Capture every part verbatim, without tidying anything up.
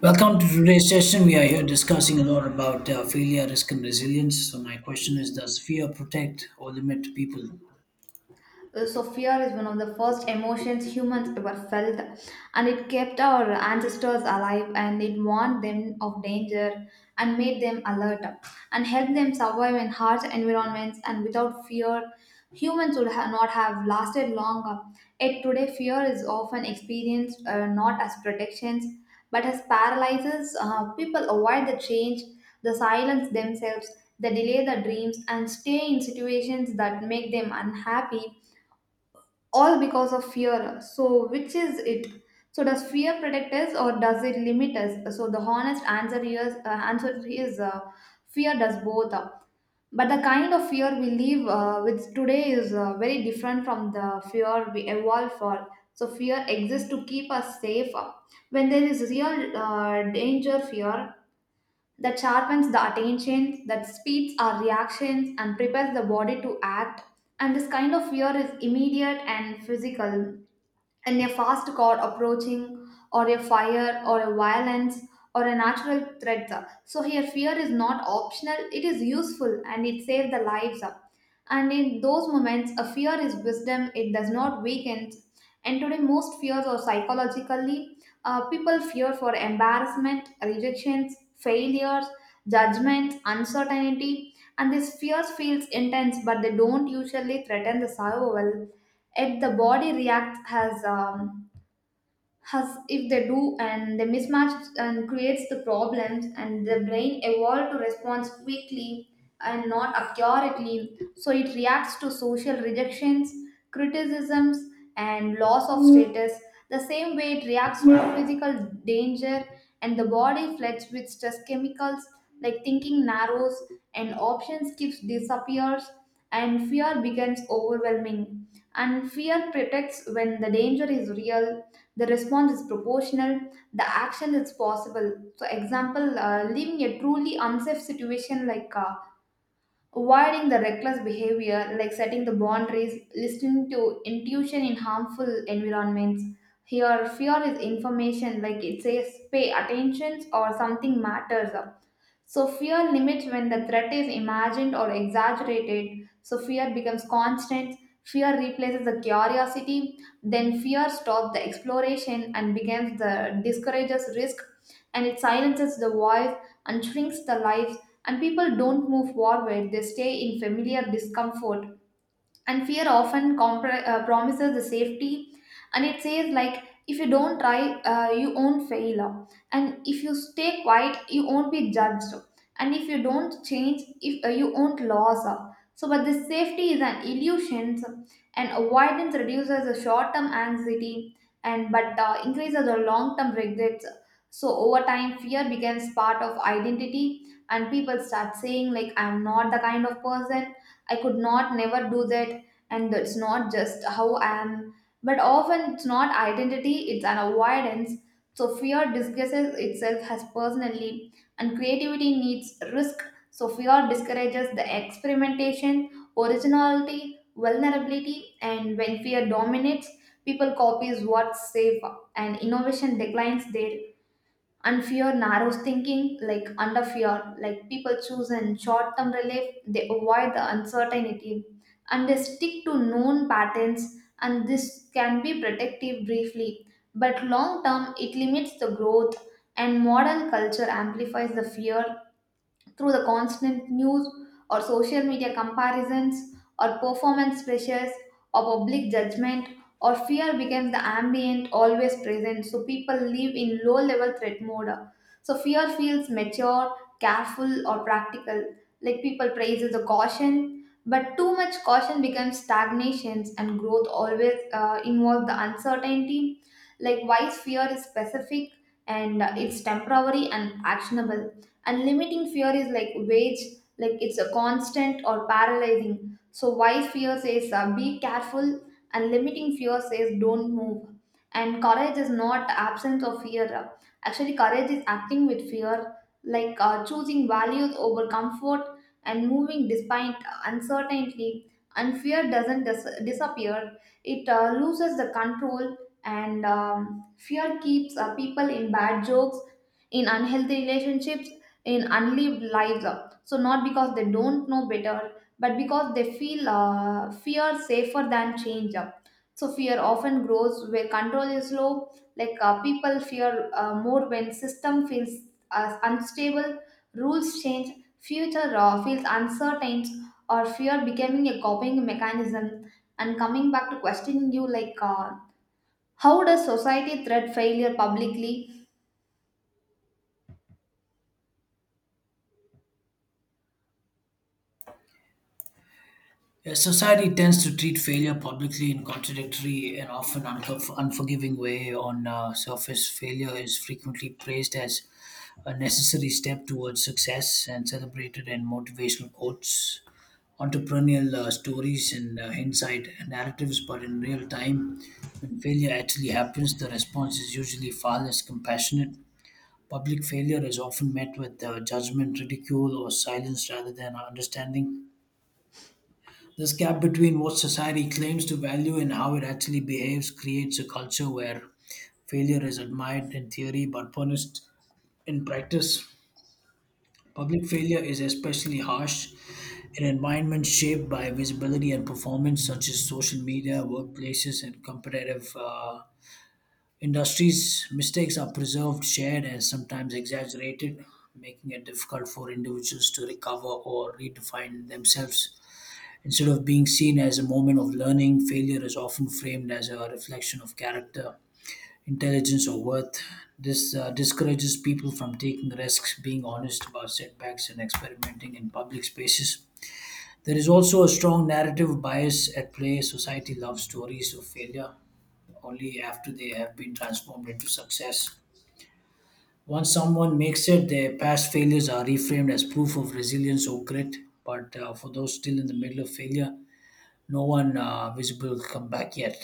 Welcome to today's session. We are here discussing a lot about uh, failure, risk, and resilience. So, my question is: does fear protect or limit people? Uh, So, fear is one of the first emotions humans ever felt, and it kept our ancestors alive and it warned them of danger and made them alert and helped them survive in harsh environments. And without fear, humans would ha- not have lasted longer. Yet, today, fear is often experienced uh, not as protections but as paralyzes. Uh, people avoid the change, they silence themselves, they delay their dreams, and stay in situations that make them unhappy all because of fear. So, which is it? So, does fear protect us or does it limit us? So, the honest answer is uh, answer is uh, fear does both. But the kind of fear we live uh, with today is uh, very different from the fear we evolved for. So, fear exists to keep us safe. When there is real uh, danger, fear that sharpens the attention, that speeds our reactions and prepares the body to act. And this kind of fear is immediate and physical and a fast car approaching, or a fire, or a violence, or a natural threat. So here, fear is not optional; it is useful, and it saves the lives. And in those moments, a fear is wisdom; it does not weaken. And today, most fears are psychologically. Uh, people fear for embarrassment, rejections, failures, judgments, uncertainty, and these fears feels intense, but they don't usually threaten the survival, yet the body reacts as um, as if they do, and they mismatch and creates the problems, and the brain evolved to respond quickly and not accurately, so it reacts to social rejections, criticisms, and loss of status the same way it reacts to physical danger, and the body floods with stress chemicals, like thinking narrows and options keeps disappears and fear becomes overwhelming. And fear protects when the danger is real, the response is proportional, the action is possible. So, example, uh, leaving a truly unsafe situation like uh, avoiding the reckless behavior, like setting the boundaries, listening to intuition in harmful environments. Here, fear is information, like it says pay attention or something matters. So, fear limits when the threat is imagined or exaggerated. So, fear becomes constant. Fear replaces the curiosity. Then, fear stops the exploration and becomes the discourages risk, and it silences the voice and shrinks the life, and people don't move forward, they stay in familiar discomfort. And fear often compr- uh, promises the safety, and it says, like, if you don't try uh, you won't fail, and if you stay quiet you won't be judged, and if you don't change if uh, you won't lose. So but this safety is an illusion, and avoidance reduces the short-term anxiety, and but uh, increases the long-term regrets. So over time, fear becomes part of identity, and people start saying, like, I'm not the kind of person, I could not never do that, and it's not just how I am, but often it's not identity, it's an avoidance. So fear disguises itself as personally, and creativity needs risk. So fear discourages the experimentation, originality, vulnerability, and when fear dominates, people copies what's safe, and innovation declines their. And fear narrows thinking, like under fear, like people choose and short term relief, they avoid the uncertainty and they stick to known patterns, and this can be protective briefly, but long term it limits the growth. And modern culture amplifies the fear through the constant news or social media comparisons or performance pressures or public judgment, or fear becomes the ambient, always present, so people live in low level threat mode. So fear feels mature, careful or practical, like people praises the caution, but too much caution becomes stagnations, and growth always uh, involves the uncertainty. Like wise fear is specific and uh, it's temporary and actionable, and limiting fear is like wage, like it's a constant or paralyzing. So wise fear says, uh, be careful, and limiting fear says, don't move. And courage is not absence of fear, actually courage is acting with fear, like uh, choosing values over comfort and moving despite uncertainty. And fear doesn't dis- disappear, it uh, loses the control. And um, fear keeps uh, people in bad jokes, in unhealthy relationships, in unlived lives, uh, so not because they don't know better, but because they feel uh, fear safer than change uh. So fear often grows where control is low. Like uh, people fear uh, more when system feels uh, unstable, rules change, future uh, feels uncertain, or fear becoming a coping mechanism. And coming back to questioning you, like, uh, how does society threat failure publicly? Yes, society tends to treat failure publicly in contradictory and often unfor- unforgiving way. On uh, surface, failure is frequently praised as a necessary step towards success and celebrated in motivational quotes, entrepreneurial uh, stories and uh, insight narratives, but in real time, when failure actually happens, the response is usually far less compassionate. Public failure is often met with uh, judgment, ridicule, or silence rather than understanding. This gap between what society claims to value and how it actually behaves creates a culture where failure is admired in theory but punished in practice. Public failure is especially harsh in environments shaped by visibility and performance, such as social media, workplaces, and competitive uh, industries. Mistakes are preserved, shared, and sometimes exaggerated, making it difficult for individuals to recover or redefine themselves. Instead of being seen as a moment of learning, failure is often framed as a reflection of character, intelligence, or worth. This uh, discourages people from taking risks, being honest about setbacks, and experimenting in public spaces. There is also a strong narrative bias at play. Society loves stories of failure only after they have been transformed into success. Once someone makes it, their past failures are reframed as proof of resilience or grit. But uh, for those still in the middle of failure, no one uh, visible come back yet.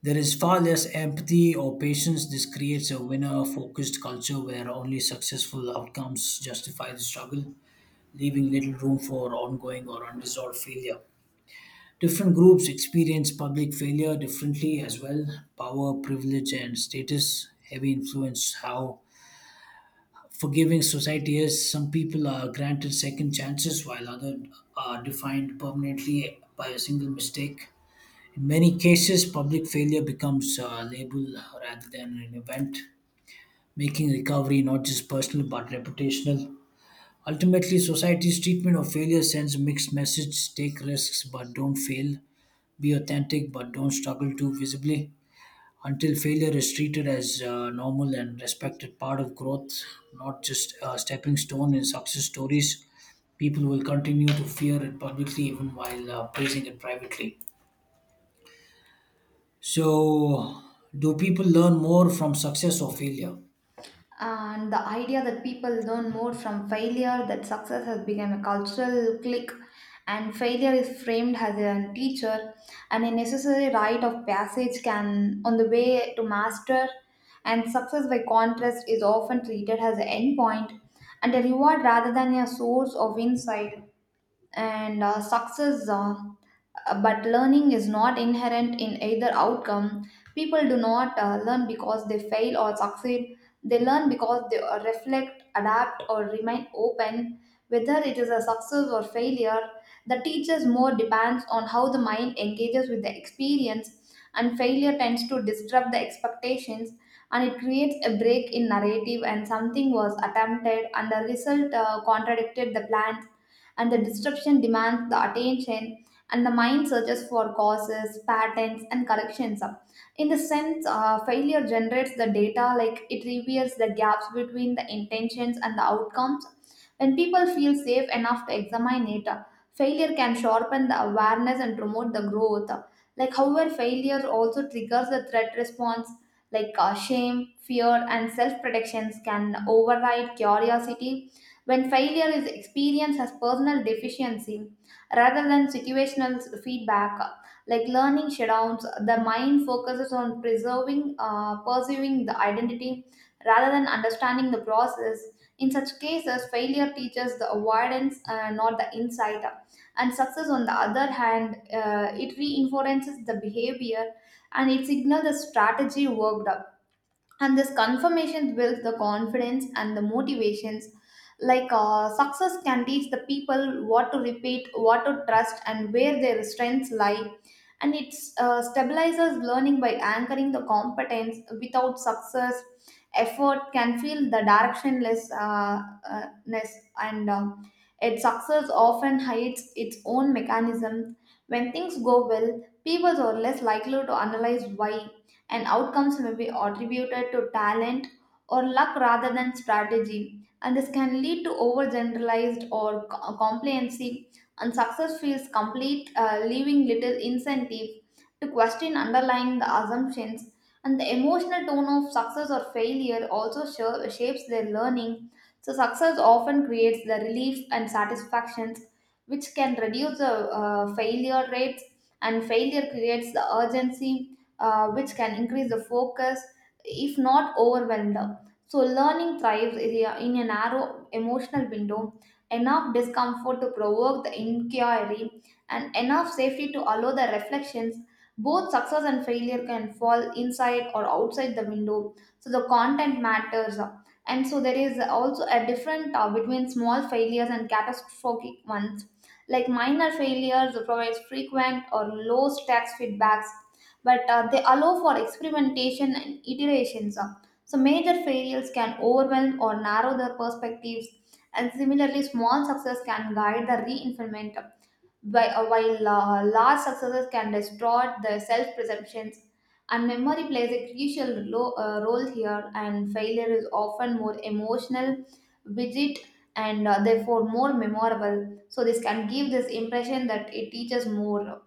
There is far less empathy or patience. This creates a winner focused culture where only successful outcomes justify the struggle, leaving little room for ongoing or unresolved failure. Different groups experience public failure differently as well. Power, privilege, and status heavy influence how forgiving society is. Some people are granted second chances while others are defined permanently by a single mistake. In many cases, public failure becomes a label rather than an event, making recovery not just personal but reputational. Ultimately, society's treatment of failure sends a mixed message: take risks but don't fail, be authentic but don't struggle too visibly. Until failure is treated as a normal and respected part of growth, not just a stepping stone in success stories, people will continue to fear it publicly even while uh, praising it privately. So, do people learn more from success or failure? And the idea that people learn more from failure that success has become a cultural clique, and failure is framed as a teacher and a necessary rite of passage can on the way to master, and success by contrast is often treated as an end point and a reward rather than a source of insight. And uh, success uh, uh, But learning is not inherent in either outcome. People do not uh, learn because they fail or succeed. They learn because they uh, reflect, adapt, or remain open. Whether it is a success or failure, the teacher's more depends on how the mind engages with the experience, and failure tends to disrupt the expectations, and it creates a break in narrative, and something was attempted and the result uh, contradicted the plans, and the disruption demands the attention, and the mind searches for causes, patterns, and corrections. In this sense, uh, failure generates the data, like it reveals the gaps between the intentions and the outcomes. When people feel safe enough to examine it, failure can sharpen the awareness and promote the growth. Like, however, failure also triggers the threat response, like uh, shame, fear, and self protections can override curiosity. When failure is experienced as personal deficiency rather than situational feedback, like learning shutdowns, the mind focuses on preserving uh, pursuing the identity rather than understanding the process. In such cases, failure teaches the avoidance, uh, not the insight. And success on the other hand, uh, it reinforces the behavior, and it signals the strategy worked, and this confirmation builds the confidence and the motivations. Like uh, success can teach the people what to repeat, what to trust, and where their strengths lie, and it uh, stabilizes learning by anchoring the competence. Without success, effort can feel the directionless uh, uh, ness. And um, its success often hides its own mechanism. When things go well, people are less likely to analyze why, and outcomes may be attributed to talent or luck rather than strategy. And this can lead to overgeneralized or co- complacency, and success feels complete, uh, leaving little incentive to question underlying the assumptions. And the emotional tone of success or failure also sha- shapes their learning. So, success often creates the relief and satisfactions, which can reduce the uh, failure rates, and failure creates the urgency, uh, which can increase the focus, if not overwhelm them. So, learning thrives in a in a narrow emotional window, enough discomfort to provoke the inquiry, and enough safety to allow the reflections. Both success and failure can fall inside or outside the window. So, the content matters. And so, there is also a different uh, between small failures and catastrophic ones. Like minor failures provides frequent or low stakes feedbacks, but uh, they allow for experimentation and iterations. Uh, So, major failures can overwhelm or narrow their perspectives, and similarly, small success can guide the reinforcement, whi- uh, while uh, large successes can distort the self perceptions. And memory plays a crucial lo- uh, role here, and failure is often more emotional, rigid, and uh, therefore more memorable. So, this can give this impression that it teaches more. uh,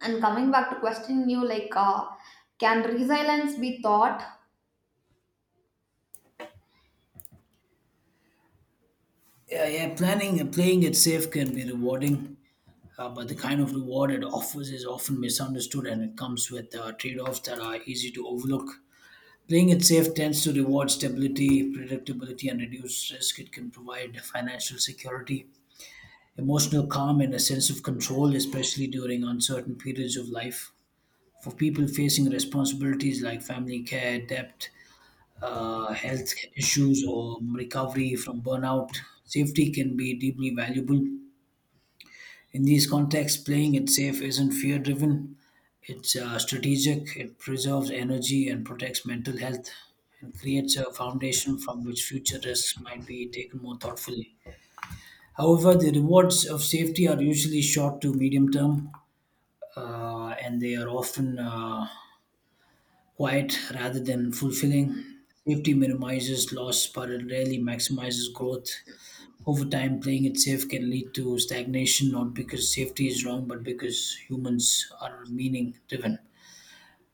And coming back to question you, like, uh, can resilience be taught? Yeah, yeah. Planning and playing it safe can be rewarding, uh, but the kind of reward it offers is often misunderstood, and it comes with uh, trade-offs that are easy to overlook. Playing it safe tends to reward stability, predictability, and reduce risk. It can provide financial security, emotional calm, and a sense of control, especially during uncertain periods of life. For people facing responsibilities like family care, debt, uh, health issues, or recovery from burnout. Safety can be deeply valuable. In these contexts, playing it safe isn't fear driven, it's uh, strategic. It preserves energy and protects mental health and creates a foundation from which future risks might be taken more thoughtfully. However, the rewards of safety are usually short to medium term, uh, and they are often uh, quiet rather than fulfilling. Safety minimizes loss, but it rarely maximizes growth. Over time, playing it safe can lead to stagnation, not because safety is wrong, but because humans are meaning driven,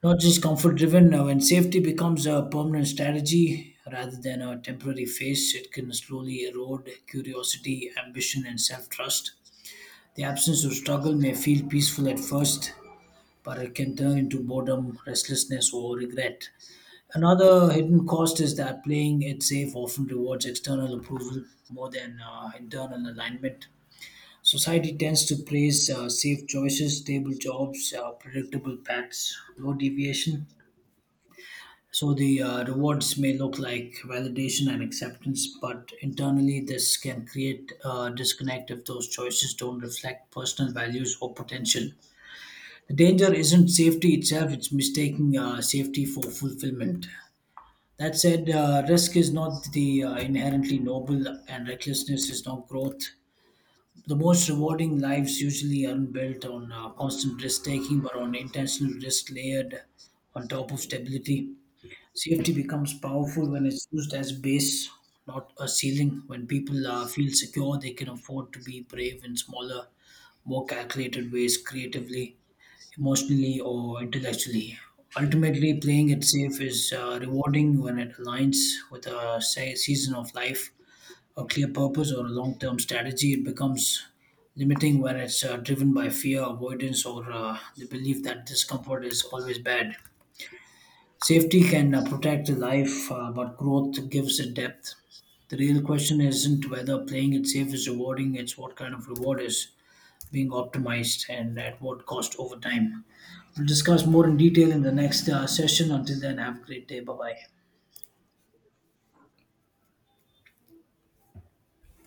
not just comfort driven. Now, when safety becomes a permanent strategy rather than a temporary phase, it can slowly erode curiosity, ambition, and self trust. The absence of struggle may feel peaceful at first, but it can turn into boredom, restlessness, or regret. Another hidden cost is that playing it safe often rewards external approval more than uh, internal alignment. Society tends to praise uh, safe choices, stable jobs, uh, predictable paths, low deviation. So the uh, rewards may look like validation and acceptance, but internally this can create uh, disconnect if those choices don't reflect personal values or potential. The danger isn't safety itself; it's mistaking uh, safety for fulfillment. That said, uh, risk is not the uh, inherently noble, and recklessness is not growth. The most rewarding lives usually aren't built on uh, constant risk taking, but on intentional risk layered on top of stability. Safety becomes powerful when it's used as base, not a ceiling. When people uh, feel secure, they can afford to be brave in smaller, more calculated ways, creatively, emotionally, or intellectually. Ultimately, playing it safe is uh, rewarding when it aligns with a say, season of life, a clear purpose, or a long term strategy. It becomes limiting when it's uh, driven by fear, avoidance, or uh, the belief that discomfort is always bad. Safety can uh, protect the life, uh, but growth gives it depth. The real question isn't whether playing it safe is rewarding, it's what kind of reward is being optimized and at what cost over time. We'll discuss more in detail in the next uh, session. Until then, have a great day. Bye bye.